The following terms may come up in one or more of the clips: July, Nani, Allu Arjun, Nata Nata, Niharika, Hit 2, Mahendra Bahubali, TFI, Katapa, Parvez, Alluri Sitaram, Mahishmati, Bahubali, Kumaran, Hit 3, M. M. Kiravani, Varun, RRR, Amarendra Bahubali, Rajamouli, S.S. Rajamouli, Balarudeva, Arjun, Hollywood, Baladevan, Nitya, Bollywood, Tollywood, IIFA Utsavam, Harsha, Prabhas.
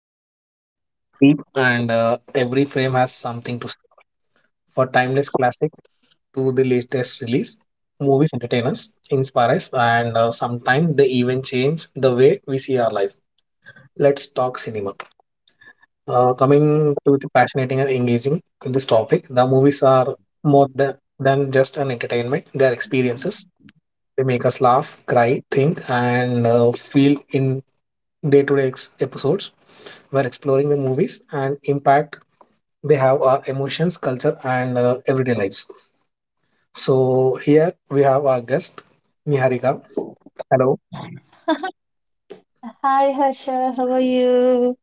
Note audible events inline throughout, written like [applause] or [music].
emotional run deep, and every frame has something to say. For timeless classic to the latest release, movies entertain us, inspire us, and sometimes they even change the way we see our life. Let's talk cinema. Coming to the fascinating and engaging in this topic, the movies are more than just an entertainment, they are experiences. They make us laugh, cry, think, and feel in day to day episodes. We're exploring the movies and impact they have our emotions, culture, and everyday lives. So, here we have our guest, Niharika. Hello, Hi, Harsha. How are you?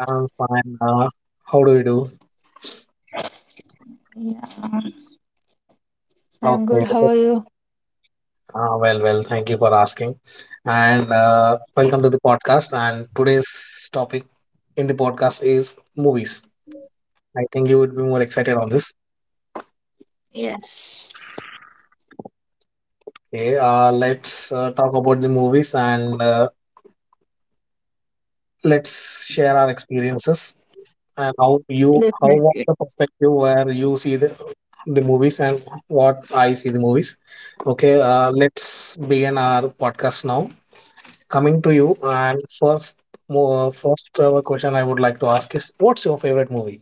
I'm fine. How do you do? Yeah, I'm Okay, good. How are you? well, thank you for asking. And welcome to the podcast. And today's topic in the podcast is movies. I think you would be more excited on this. Yes, Okay, let's talk about the movies and let's share our experiences and how you how what definitely. the perspective where you see the movies and what I see the movies. Okay, let's begin our podcast now. Coming to you, and first question I would like to ask is, what's your favorite movie?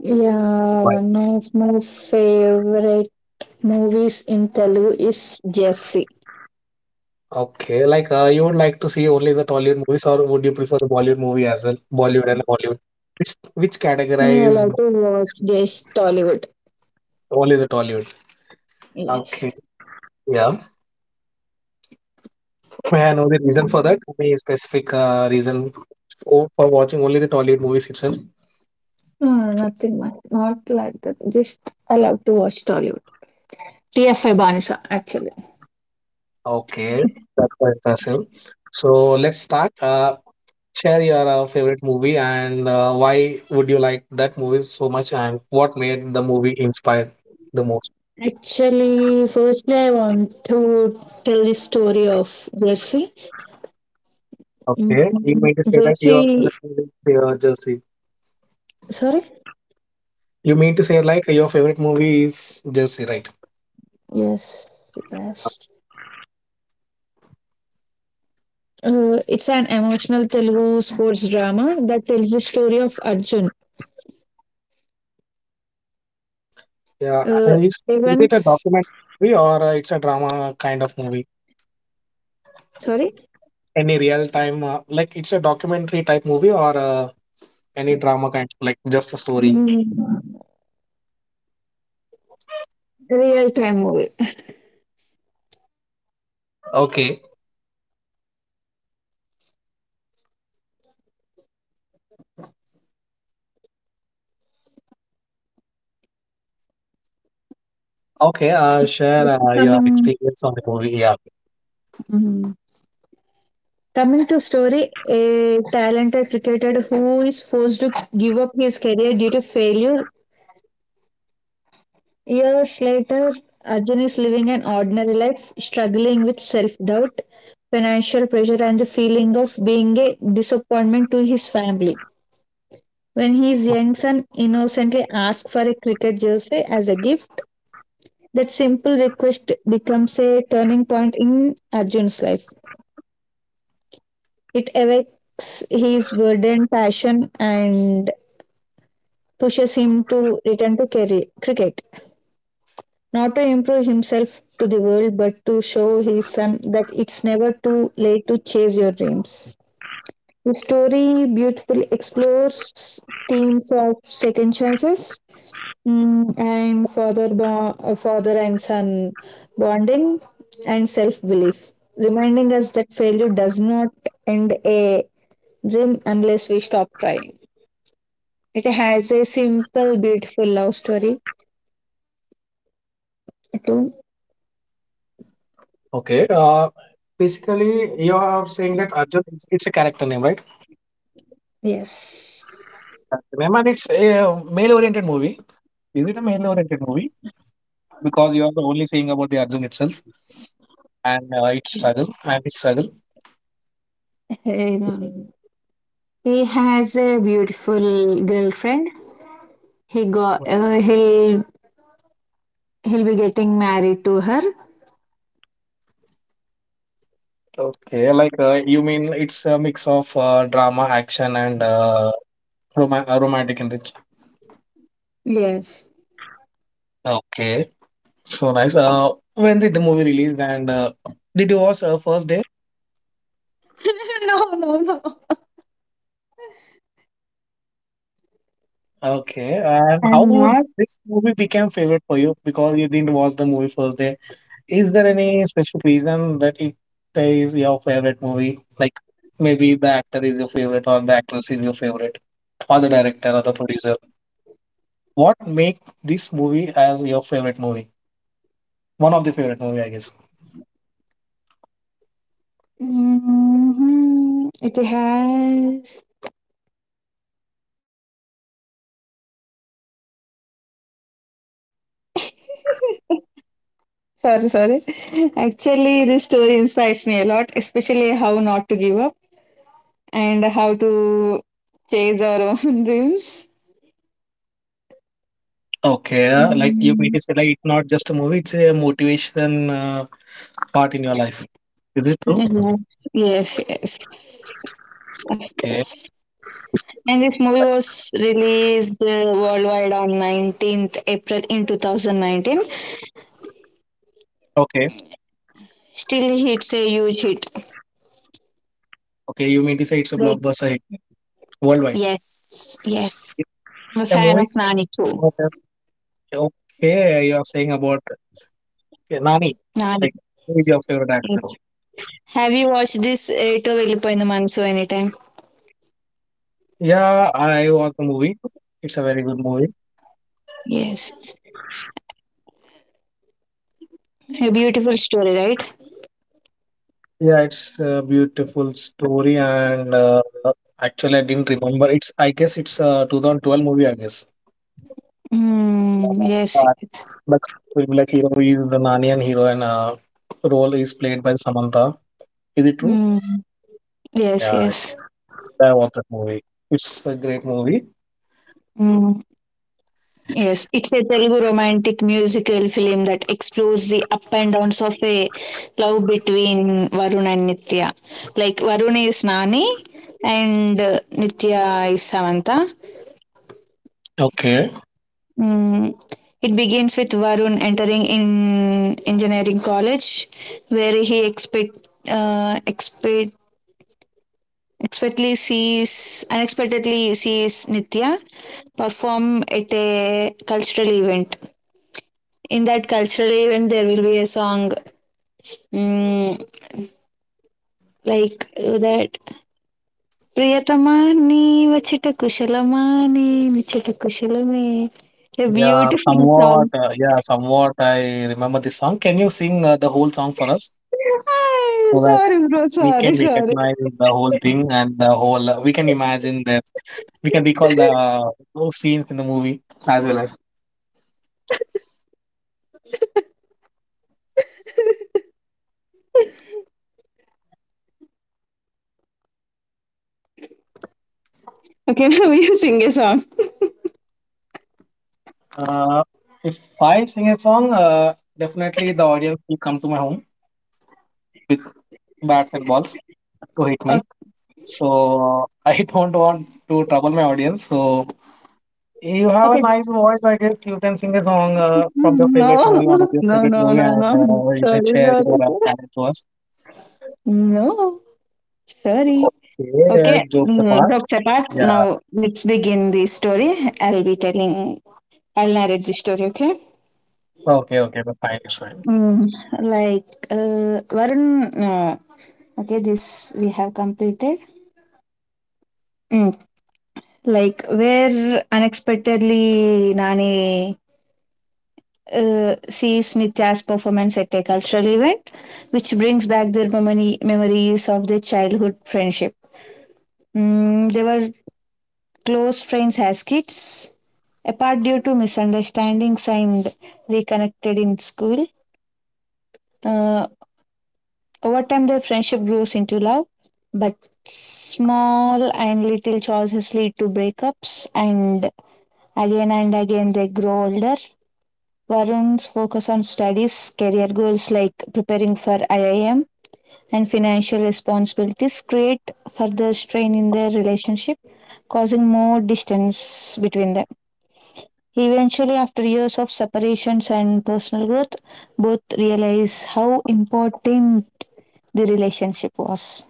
Yeah, Why? one of my favorite movies in Telugu is Jersey. Okay, like you would like to see only the Tollywood movies, or would you prefer the Bollywood movie as well? Bollywood and Hollywood. Which I categorize? like to watch just Tollywood. Only the Tollywood. Okay. Yes. Yeah. May I know the reason for that? Any specific reason for watching only the Tollywood movies itself? Nothing much, not like that. Just I love to watch Tollywood. TFI Banisa, actually. Okay. That's quite impressive. So let's start. Share your favorite movie and why would you like that movie so much and what made the movie inspire the most? Actually, firstly, I want to tell the story of Jersey. Okay. You Mm, mean to say that your favorite Jersey, movie is Jersey. sorry. You mean to say like your favorite movie is Jersey, right? Yes, yes. It's an emotional Telugu sports drama that tells the story of Arjun. Yeah, Uh, and is it a Evans, documentary or it's a drama kind of movie? sorry. Any real time, like it's a documentary type movie or any drama kind, like just a story? Mm, Real time movie. Okay, okay, share This is your coming. experience on the movie. Yeah, Mhm. Coming to story, a talented cricketer who is forced to give up his career due to failure. Years later, Arjun is living an ordinary life, struggling with self-doubt, financial pressure, and the feeling of being a disappointment to his family. When his young son innocently asks for a cricket jersey as a gift, that simple request becomes a turning point in Arjun's life. It awakes his burdened passion and pushes him to return to cricket. Not to improve himself to the world, but to show his son that it's never too late to chase your dreams. The story beautifully explores themes of second chances, and father and son bonding and self belief, reminding us that failure does not end a dream unless we stop trying. It has a simple, beautiful love story too. okay. Basically, you are saying that Arjun, it's a character name, right? Yes. Character name, and it's a male oriented movie. Is it a male oriented movie? Because you are only saying about the Arjun itself and its struggle and his struggle. [laughs] Um, he has a beautiful girlfriend. He got he'll He'll be getting married to her. Okay, like you mean it's a mix of drama, action, and romantic in this. Yes. Okay, so nice. When did the movie release and did you watch first day? [laughs] No, no, no. Okay, and how I'm would not. this movie became favorite for you because you didn't watch the movie first day? Is there any specific reason that it is your favorite movie? Like maybe the actor is your favorite or the actress is your favorite or the director or the producer. What makes this movie as your favorite movie? One of the favorite movie, I guess. Mhm. It has. [laughs] Sorry, sorry. Actually, this story inspires me a lot, especially how not to give up and how to chase our own [laughs] dreams. Okay, like you mean Mm. to say, like it's not just a movie; it's a motivation part in your life. Is it true? Yes, yes, Okay, yes. And this movie was released worldwide on April 19th in 2019. okay, Still, it's a huge hit. okay. You mean to say it's a Like, blockbuster hit worldwide? yes, yes. It's I'm a a fan movie. of It's Nani too. not. Okay, you are saying about okay, Nani, Nah, like who is your favorite actor? yes. Have you watched this Eight of Velipainu Manso anytime? Yeah, I watched the movie. It's a very good movie. Yes. A beautiful story, right? Yeah, it's a beautiful story, and actually, I didn't remember. It's I guess it's a 2012 movie, I guess. Yes, yes. Like will be like hero is the Narnian hero and role is played by Samantha. Is it true? Mm, yes, Yeah, yes. I watched that movie. It's a great movie. Mm, yes. It's a Telugu romantic musical film that explores the up and downs of a love between Varun and Nitya. Like, Varun is Nani and Nitya is Samantha. Okay. Mm, it begins with Varun entering in engineering college, where he expect expect expectedly sees unexpectedly sees Nitya perform at a cultural event. In that cultural event, there will be a song, mm, like that. ప్రియతమా నీ వచ్చట కుశలమా నీ నిచ్చట కుశలమే. A Yeah, beautiful song. somewhat. Yeah, somewhat. I remember the song. Can you sing the whole song for us [laughs] so that Sorry, bro. we Sorry, can sorry. recognize the whole thing and the whole? We can imagine that we can recall the those scenes in the movie as well as. Okay, [laughs] now you sing a song. Uh, if I sing a song, definitely the audience will come to my home with bats and balls to hit O- me. So I [laughs] don't want to trouble my audience. So you have a Okay. nice voice. I guess you can sing a song from your No, favorite movie, one of your no, favorite no, movie, no, and no. You can Sorry, share your sorry, sorry. talent to us. No, sorry. So, yeah, Okay, jokes apart. jokes apart, Yeah. now let's begin the story. I'll be telling, I'll narrate the story, okay? Okay. Okay. But fine. It's fine. Mm, like, Varun, uh, okay, this we have completed. Mm, like, where unexpectedly Nani sees Nitya's performance at a cultural event, which brings back their memories of their childhood friendship. They were close friends as kids, apart due to misunderstandings, and reconnected in school. Uh, Over time, their friendship grows into love, but small and little choices lead to breakups, and again they grow older. Varun's focus on studies, career goals like preparing for IIM, and financial responsibilities create further strain in their relationship, causing more distance between them. Eventually, after years of separations and personal growth, both realize how important the relationship was.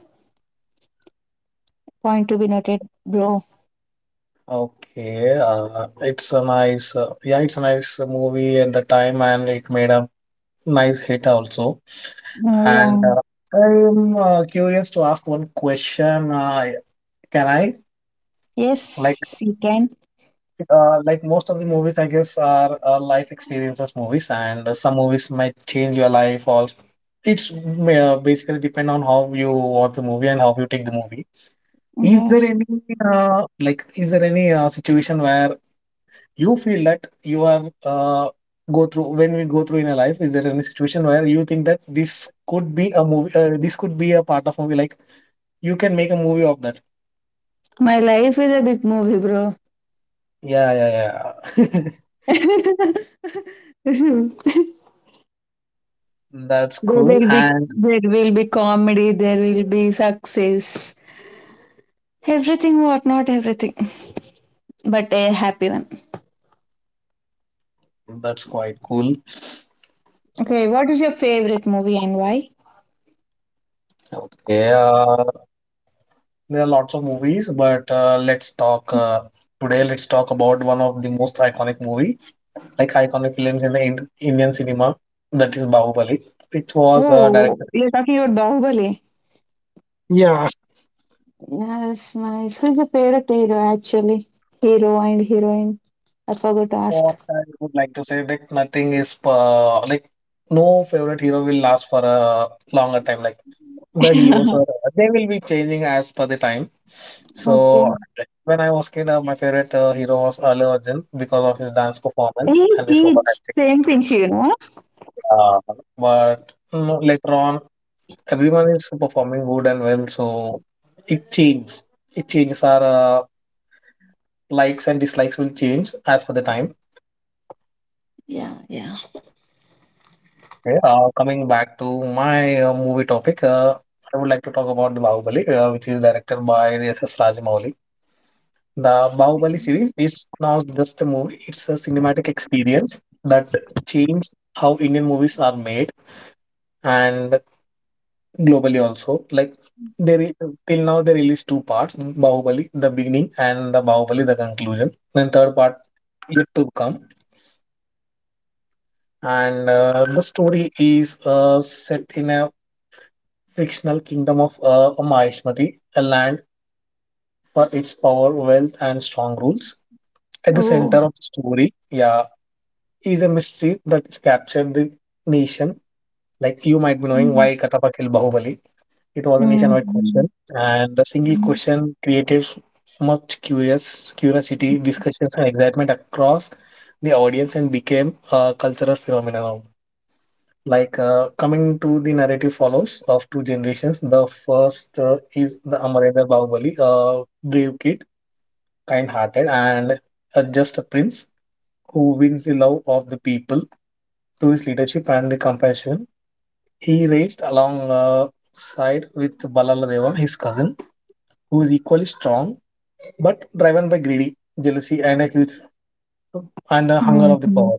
Point to be noted, bro. Okay. It's a nice. Yeah, it's a nice movie at the time, and it made a nice hit also. Oh, And yeah. I'm curious to ask one question. Can I? Like. Yes, you can. Like most of the movies, I guess, are life experiences movies, and some movies might change your life, or it's may, basically depend on how you watch the movie and how you take the movie. Is there Yes. any like is there any situation where you feel that you are go through when we go through in a life? Is there any situation where you think that this could be a movie? This could be a part of movie. Like you can make a movie of that. My life is a big movie, bro. Yeah, yeah, yeah. [laughs] [laughs] That's There cool, will be and there will be comedy, there will be success, everything, what not everything, [laughs] but a happy one. that's quite cool. Okay, what is your favorite movie and why? Okay, there are lots of movies, but let's talk today. Let's talk about one of the most iconic movie, like iconic films in the Indian cinema, that is Bahubali, which was Oh, directed. you're talking about Bahubali. Yeah. Yes, nice. Who's your favorite hero actually? Hero and heroine. I forgot to What ask. I would like to say that nothing is like no favorite hero will last for a longer time. Like [laughs] the heroes Okay. are they will be changing as per the time. So when I was kid, my favorite hero was Allu Arjun because of his dance performance Hey, and his kids, overacting. same thing, you know. Uh, but later on, everyone is performing good and well, so it changes. It changes our likes and dislikes will change as per the time. Yeah, yeah. Okay. Coming back to my movie topic, I would like to talk about the Bahubali, which is directed by the S.S. Rajamouli. The Bahubali series is not just a movie; it's a cinematic experience that changed how Indian movies are made and globally also. Like they re till now they released two parts, Bahubali, the beginning and the Bahubali, the conclusion. Then third part yet to come. And the story is set in a fictional kingdom of Mahishmati, a land for its power, wealth, and strong rules. At the center Oh. of the story, yeah, is a mystery that is captured the nation. Like you might be knowing Mm-hmm. why Katapa killed Bahubali. It was a nationwide question, and the single Mm-hmm. question created much curious curiosity, discussions, and excitement across the audience, and became a cultural phenomenon. Like coming to the narrative follows of two generations. The first is the Amarendra Bahubali, a brave kid, kind-hearted, and just a prince who wins the love of the people through his leadership and the compassion. He raised alongside with Baladevan, his cousin who is equally strong but driven by greedy, jealousy, and a huge and a hunger of the Mm-hmm. power.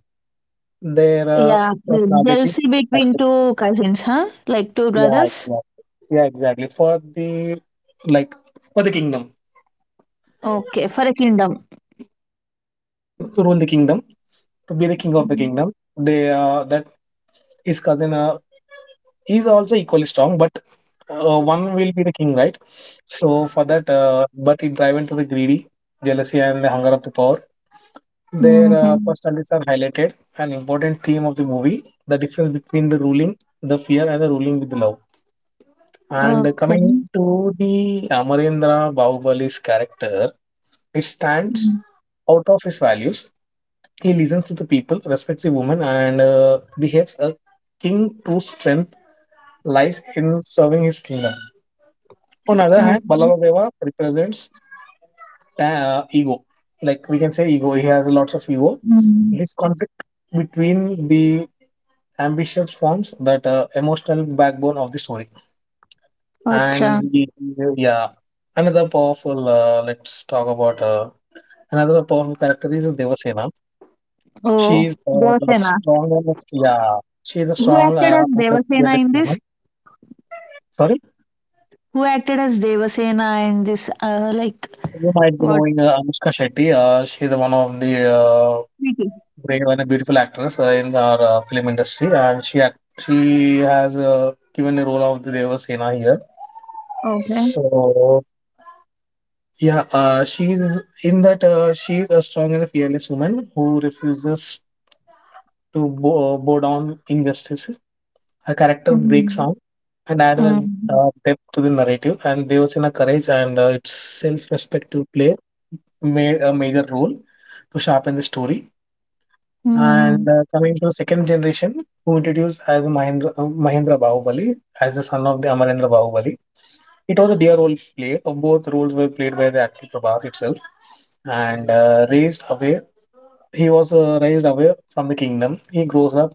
Their Yeah, jealousy personalities, I between two cousins, huh? Like two yeah, brothers? exactly. Yeah, exactly. For the like for the kingdom Okay, for a kingdom. to rule the kingdom, to be the king of the kingdom, they that his cousin is also equally strong, but one will be the king, right? So for that, but it driven to the greedy, jealousy, and the hunger of the power. Their Mm-hmm. personalities are highlighted, an important theme of the movie, the difference between the ruling, the fear, and the ruling with love. And Okay. coming to the Amarendra Bahubali's character, it stands Mm. out of his values. He listens to the people, respects the women, and behaves a king true strength lies in serving his kingdom. On other hand, Okay. Balarudeva represents ego. Like we can say ego, he has lots of ego. Mm. This conflict between the ambitious forms that emotional backbone of the story. And Acha. the, yeah, another powerful. Let's talk about another powerful character is Devasena. She's Oh, a Devasena. strong. Yeah, she's a Who strong acted as and a Devasena fearless in woman. this? Sorry, Who acted as Devasena in this? Like, you might be what? knowing Anushka Shetty. She's one of the Preeti. brave and a beautiful actress in our film industry, and she has given the role of the Devasena here. Okay. So yeah, she is in that she is a strong and fearless woman who refuses to bow down injustices. Her character breaks Mm. down and adds a Mm. Depth to the narrative, and there was in a courage and its self-respect to play made a major role to sharpen the story. Mm. And coming to second generation, who introduced as Mahendra Bahubali as the son of the Amarendra Bahubali. It was a dear role played. Both roles were played by the actor Prabhas itself, and raised away. He was raised away from the kingdom. He grows up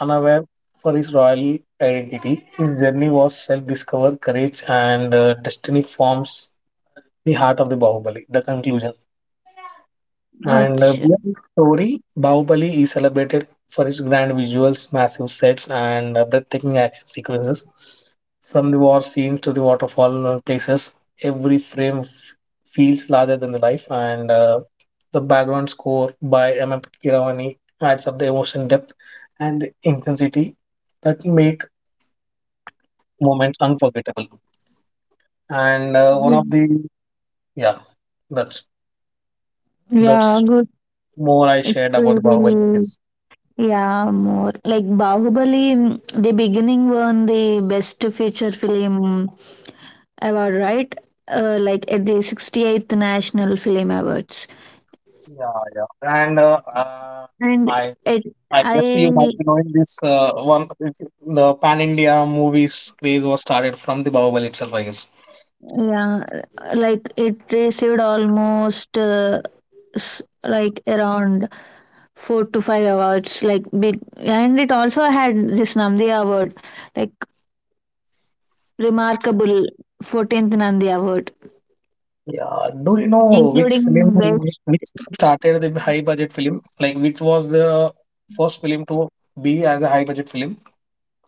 unaware for his royal identity. His journey was self-discover, courage, and destiny forms the heart of the Bahubali. The conclusion. And Acha. Beyond story, Bahubali is celebrated for its grand visuals, massive sets, and breathtaking action sequences. From the war scenes to the waterfall places, every frame f- feels larger than the life, and the background score by M. M. Kiravani adds up the emotion depth and the intensity that make moments unforgettable. And one of the yeah, that's Yeah, that's good. more I It's shared about Bahubali, I very. guess. Yeah, more like Bahubali. The beginning won the best feature film award, right? Like, at the 68th National Film Awards, Yeah, yeah. And and I it. I guess I. you might be knowing this one the Pan India movies craze was started from the Bahubali itself, I guess. Yeah, like, it received almost like around four to five awards, like big, and it also had this Nandi Award, like remarkable 14th Nandi Award, Yeah. Do you know which film including is best. which started the high budget film? Like which was the first film to be as a high budget film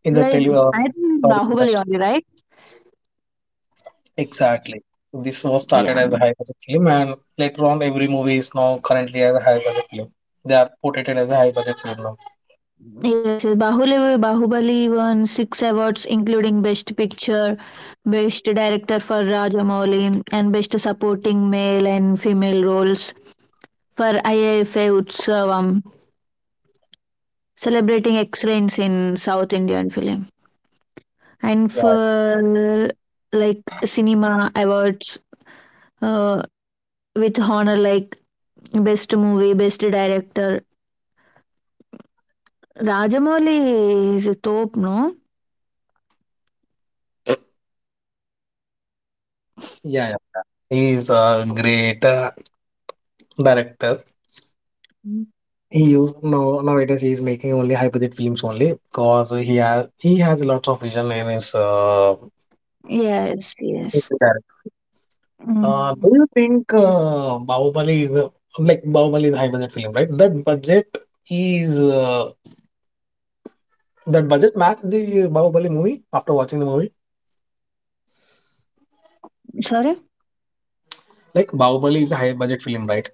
in the Like, tele I think Tollywood Bahubali industry? only, right? Exactly. This was started Yeah. as a high budget film, and later on, every movie is now currently as a high budget film. They are portrayed as a high budget film now. Yes, yes. Bahubali won six awards, including Best Picture, Best Director for Rajamouli, and Best Supporting Male and Female Roles for IIFA Utsavam, celebrating excellence in South Indian film. And Yeah. for like cinema awards, uh, with honor, like Best Movie, Best Director. Rajamouli is a top, no? Yeah, yeah. He's a great director. He used no nowadays he is making only high budget films only because he has lots of vision Yes, in yes. his do Mm. you think like Bahubali is a high budget film, right? That budget is that budget match the Bahubali movie after watching the movie. Sorry? Like Bahubali is a high budget film, right?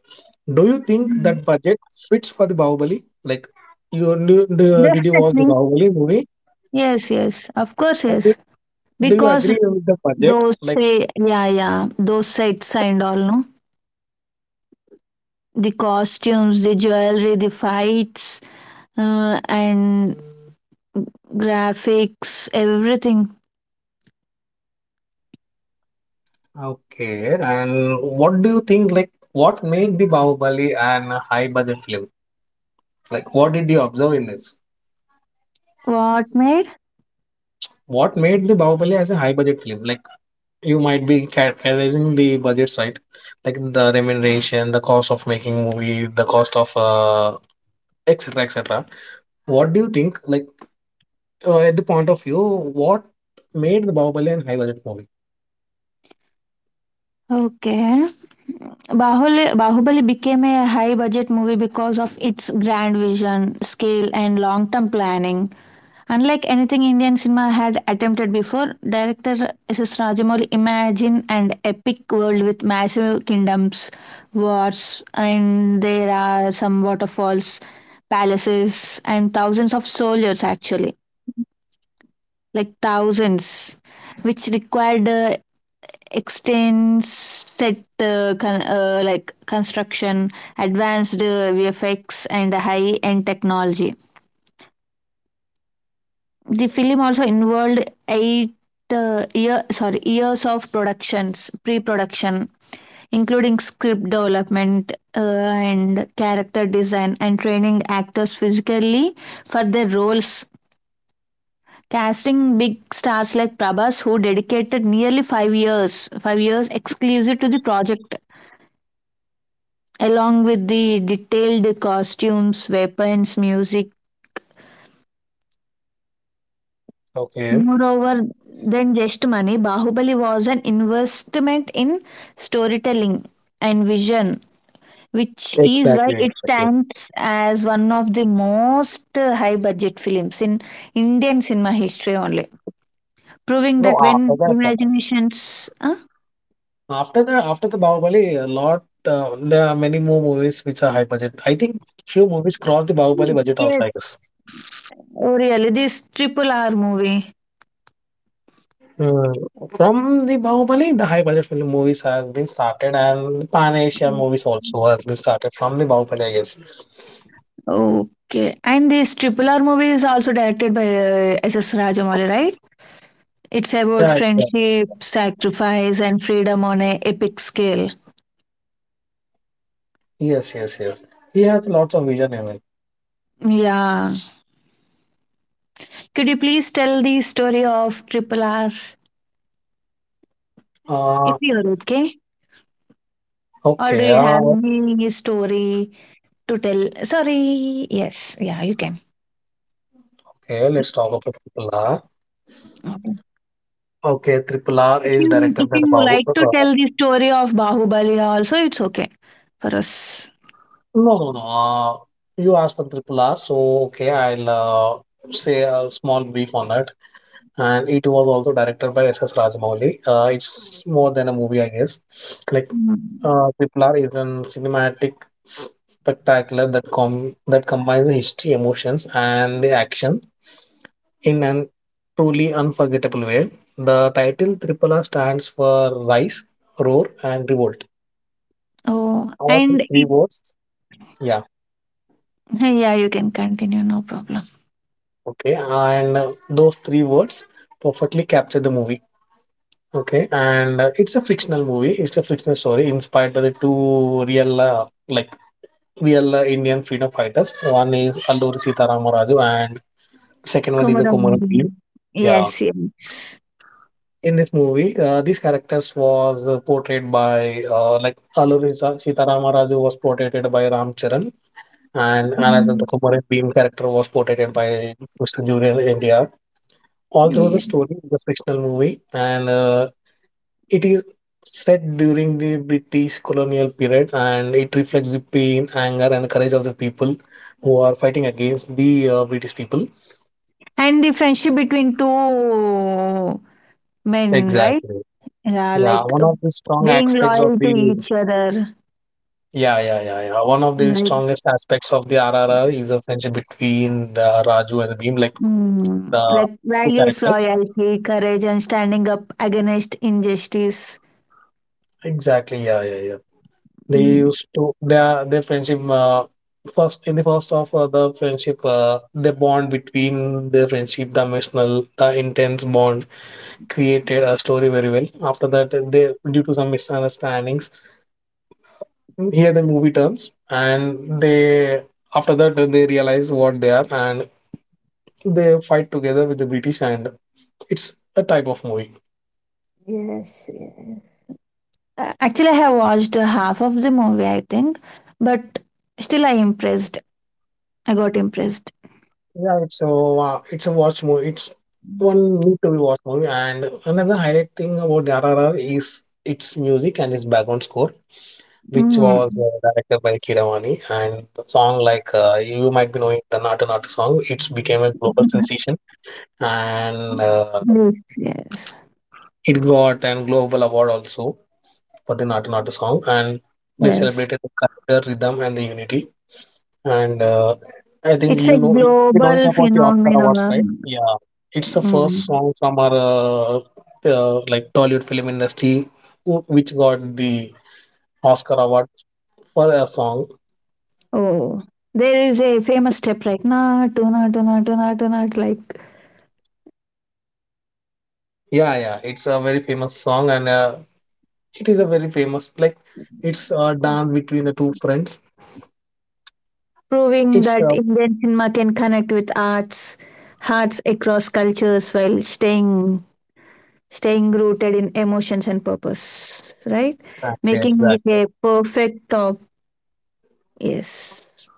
Do you think Mm. that budget fits for the Bahubali? Like you did you watch the Definitely. Bahubali movie? Yes, yes. Of course, yes. Do you Because agree with the budget? those Like, say, yeah, yeah, those sets and all, no? The costumes, the jewelry, the fights, and graphics, everything. okay, and what do you think? Like, what made the Bahubali an high budget film? Like, what did you observe in this? What made? What made the Bahubali as a high budget film? Like, you might be characterizing the budgets, right? Like the remuneration, the cost of making movie, the cost of etc. etc. What do you think? Like, at the point of view, what made the Bahubali an high budget movie? Okay. Bahubali became a high budget movie because of its grand vision, scale, and long term planning. Unlike anything Indian cinema had attempted before, director S. S Rajamouli imagined an epic world with massive kingdoms, wars, and there are some waterfalls, palaces, and thousands of soldiers actually, like thousands, which required extends set like construction, advanced vfx and high end technology. The film also involved eight years of productions pre production, including script development, and character design, and training actors physically for their roles, casting big stars like Prabhas, who dedicated nearly 5 years exclusive to the project, along with the detailed costumes, weapons, music. Okay. Moreover, than just money, Bahubali was an investment in storytelling and vision, which is Exactly, why it exactly. stands as one of the most high budget films in Indian cinema history only, proving that No, after when that. imaginations. Huh? After the Bahubali, a lot there are many more movies which are high budget. I think few movies cross the Bahubali budget also, I guess. Yes. Oh, really? This triple R movie. Uh, from the Bahubali, the high budget film movies has been started, and the Pan Asia movies also has been started from the Bahubali, I guess. Okay, and this Triple R movie is also directed by S S. Rajamouli, right? It's about Yeah, yeah. friendship, sacrifice, and freedom on a epic scale. Yes, yes, yes. He has lots of vision in it. Yeah. Could you please tell the story of Triple R if Uh, you're okay? Or do okay, you have uh, any story to tell? Sorry, yes, yeah, you can. okay. Let's talk about Triple R. Okay. Okay, Triple R If is you directed by Bahu. like to tell the story of Bahubali also, it's okay for us. No, no, no. You asked for Triple R, so okay, I'll say a small brief on that. And it was also directed by S S Rajamouli. It's more than a movie, I guess. Like Mm. Triple R is a cinematic spectacular that combines the history, emotions, and the action in an truly unforgettable way. The title Triple R stands for Rise, Roar, and Revolt. Oh, All and these three words. Yeah, [laughs] yeah, you can continue, no problem. okay, and those three words perfectly capture the movie. Okay, and it's a fictional movie. It's a fictional story inspired by the two real, like real Indian freedom fighters. One is Alluri Sitaram and second one is a Kumaran Komarandini. Film. Yeah, Yes, yes. in this movie, these characters was portrayed by like Sitaram was portrayed by Ram Charan, and another the Mm, Kumaran Beam character was portrayed by Mr. Julian India. Although the yeah. story is a fictional movie and it is set during the British colonial period and it reflects the pain, anger, and the courage of the people who are fighting against the British people. And the friendship between two men, right? Exactly. Yeah, Yeah, like, one of the strong being aspects of loyal to the each other, yeah, yeah, yeah, yeah. One of the like, strongest aspects of the RRR is the friendship between the Raju and the Bhim, like the like two values, characters. loyalty, courage, and standing up against injustice. Exactly. Yeah, yeah, they Mm. used to their friendship first in the first of the friendship the bond between the friendship the emotional the intense bond created a story very well. After that they due to some misunderstandings here the movie turns and they after that they realize what they are and they fight together with the British and it's a type of movie. Yes, yes. A- Actually, I have watched half of the movie, I think, but still, I impressed. I got impressed. Yeah, it's a watch movie. It's one need to be watch movie. And another highlight thing about the RRR is its music and its background score, which was Mm. Directed by Kiravani. And the song, like you might be knowing the Nata Nata song, it's became a global sensation, and Yes, yes, it got an global award also for the Nata Nata song. And they yes. celebrated the culture, rhythm, and the unity. And I think It's a you know it global about the Oscar Awards, right? phenomenon. Yeah, it's the first Mm. song from our the, like Tollywood film industry which got the Oscar award for a song. Oh, there is a famous step right now, tuna, tuna, tuna, tuna, like Yeah, yeah, it's a very famous song, and it is a very famous like it's done between the two friends. proving It's that Indian cinema can connect with arts, hearts across cultures while staying rooted in emotions and purpose, right? exactly, Making it exactly. a perfect top. Yes.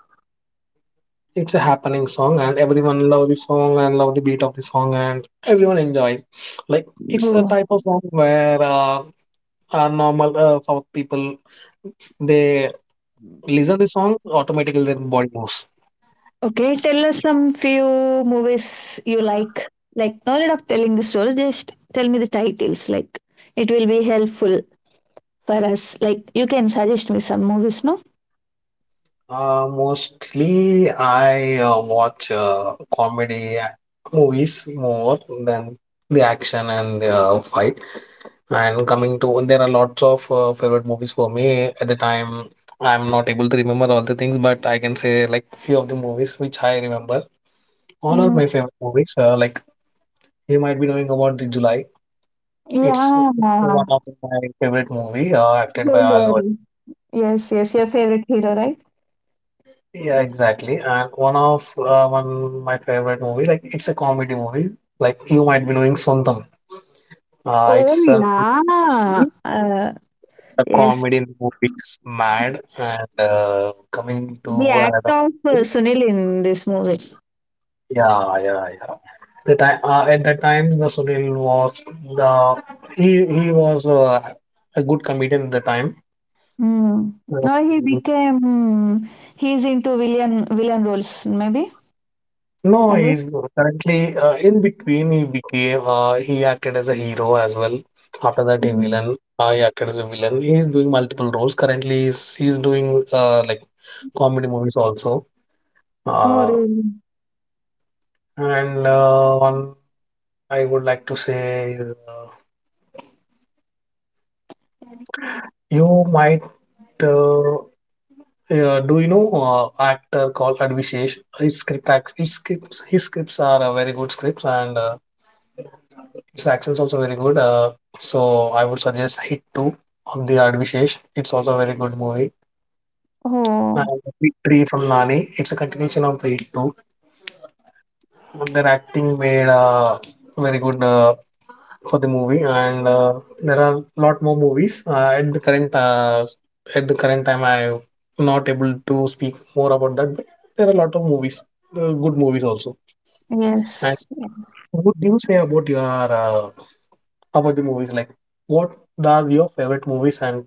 It's a happening song, and everyone love the song and love the beat of the song, and everyone enjoys. Like it's a Oh. type of song where are normal South people. They listen the song, automatically their body moves. Okay, tell us some few movies you like. Like, no need of telling the story, just tell me the titles. Like, it will be helpful for us. Like, you can suggest me some movies, no? Mostly I watch comedy movies more than the action and the fight. And coming to, there are lots of favorite movies for me at the time. I'm not able to remember all the things, but I can say like few of the movies which I remember. All are Mm, my favorite movies. Like you might be knowing about the July. It's yeah. one of my favorite movie, acted by Don't Allu. Arjun. worry. Yes, yes, your favorite hero, right? Yeah, exactly. And one my favorite movie, like it's a comedy movie. Like you might be knowing Sondam. Oh, It's a good yeah. movie. The Yes. comedy in the movie is mad. And coming The to act another of Sunil in this movie. yeah, yeah, yeah. The time at that time, the Sunil was the he was a good comedian at the time. Mm. Uh, Now he became, hmm, he's into villain roles, maybe, No, I guess. he's currently in between. He became he acted as a hero as well. After that, he Mm. villain. He acted as a villain. He's doing multiple roles currently. He's doing like comedy movies also. Oh, Uh, really? and one I would like to say, is, uh, you might uh, do you know actor called Advishesh? His scripts are very good scripts and. Its axle is also very good. So I would suggest Hit 2 of the Vishesh. It's also a very good movie. Oh, And Hit 3 from Nani. It's a continuation of the Hit 2. Their acting made very good for the movie. And there are a lot more movies at the current time. I'm not able to speak more about that. But there are a lot of movies, good movies also. And yes. what do you say about your about the movies? Like, what are your favorite movies and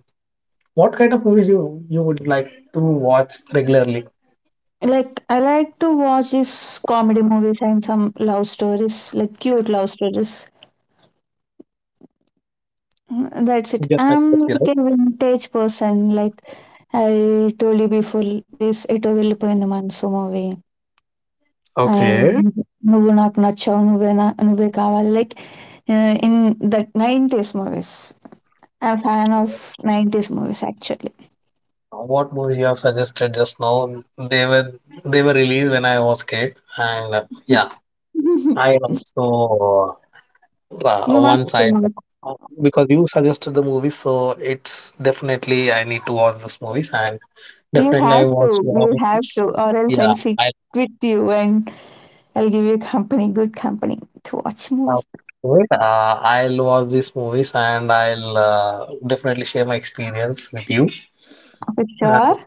what kind of movies you would like to watch regularly? Like, I like to watch these comedy movies and some love stories, like cute love stories. That's it. Just like I'm Percy, like right? a vintage person. Like, I told you before, this ఎటో వెళ్ళిపోయింది మనసు movie and Okay. నువ్వు నాకు నచ్చావు నువ్వే నా నువ్వే కావాలి like in that nineties movies I fan of nineties movies actually What movies you have suggested just now? They were they were released when I was kid, and yeah, I also you must. once I [laughs] because you suggested the movies, so it's definitely I need to watch those movies, and definitely I watch your you have movies. to, or else I'll Yeah, sit I with you and I'll give you company, good company to watch have movie. it. I'll watch these movies and I'll definitely share my experience with you. For sure,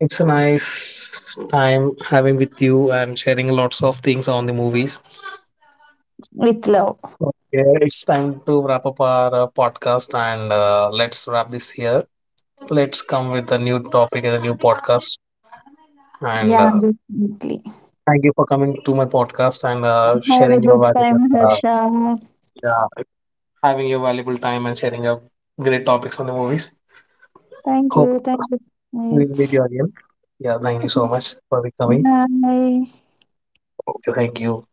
It's a nice time having with you and sharing lots of things on the movies. with love. Okay, it's time to wrap up our podcast and let's wrap this here. Let's come with a new topic and a new podcast. And Yeah, definitely. thank you for coming to my podcast and Have a sharing your good valuable, time, Harsha. yeah, having your valuable time and sharing your great topics on the movies. Hope Thank you we'll meet so you again. Yeah, thank you so much for coming. much. Bye. Okay, thank you.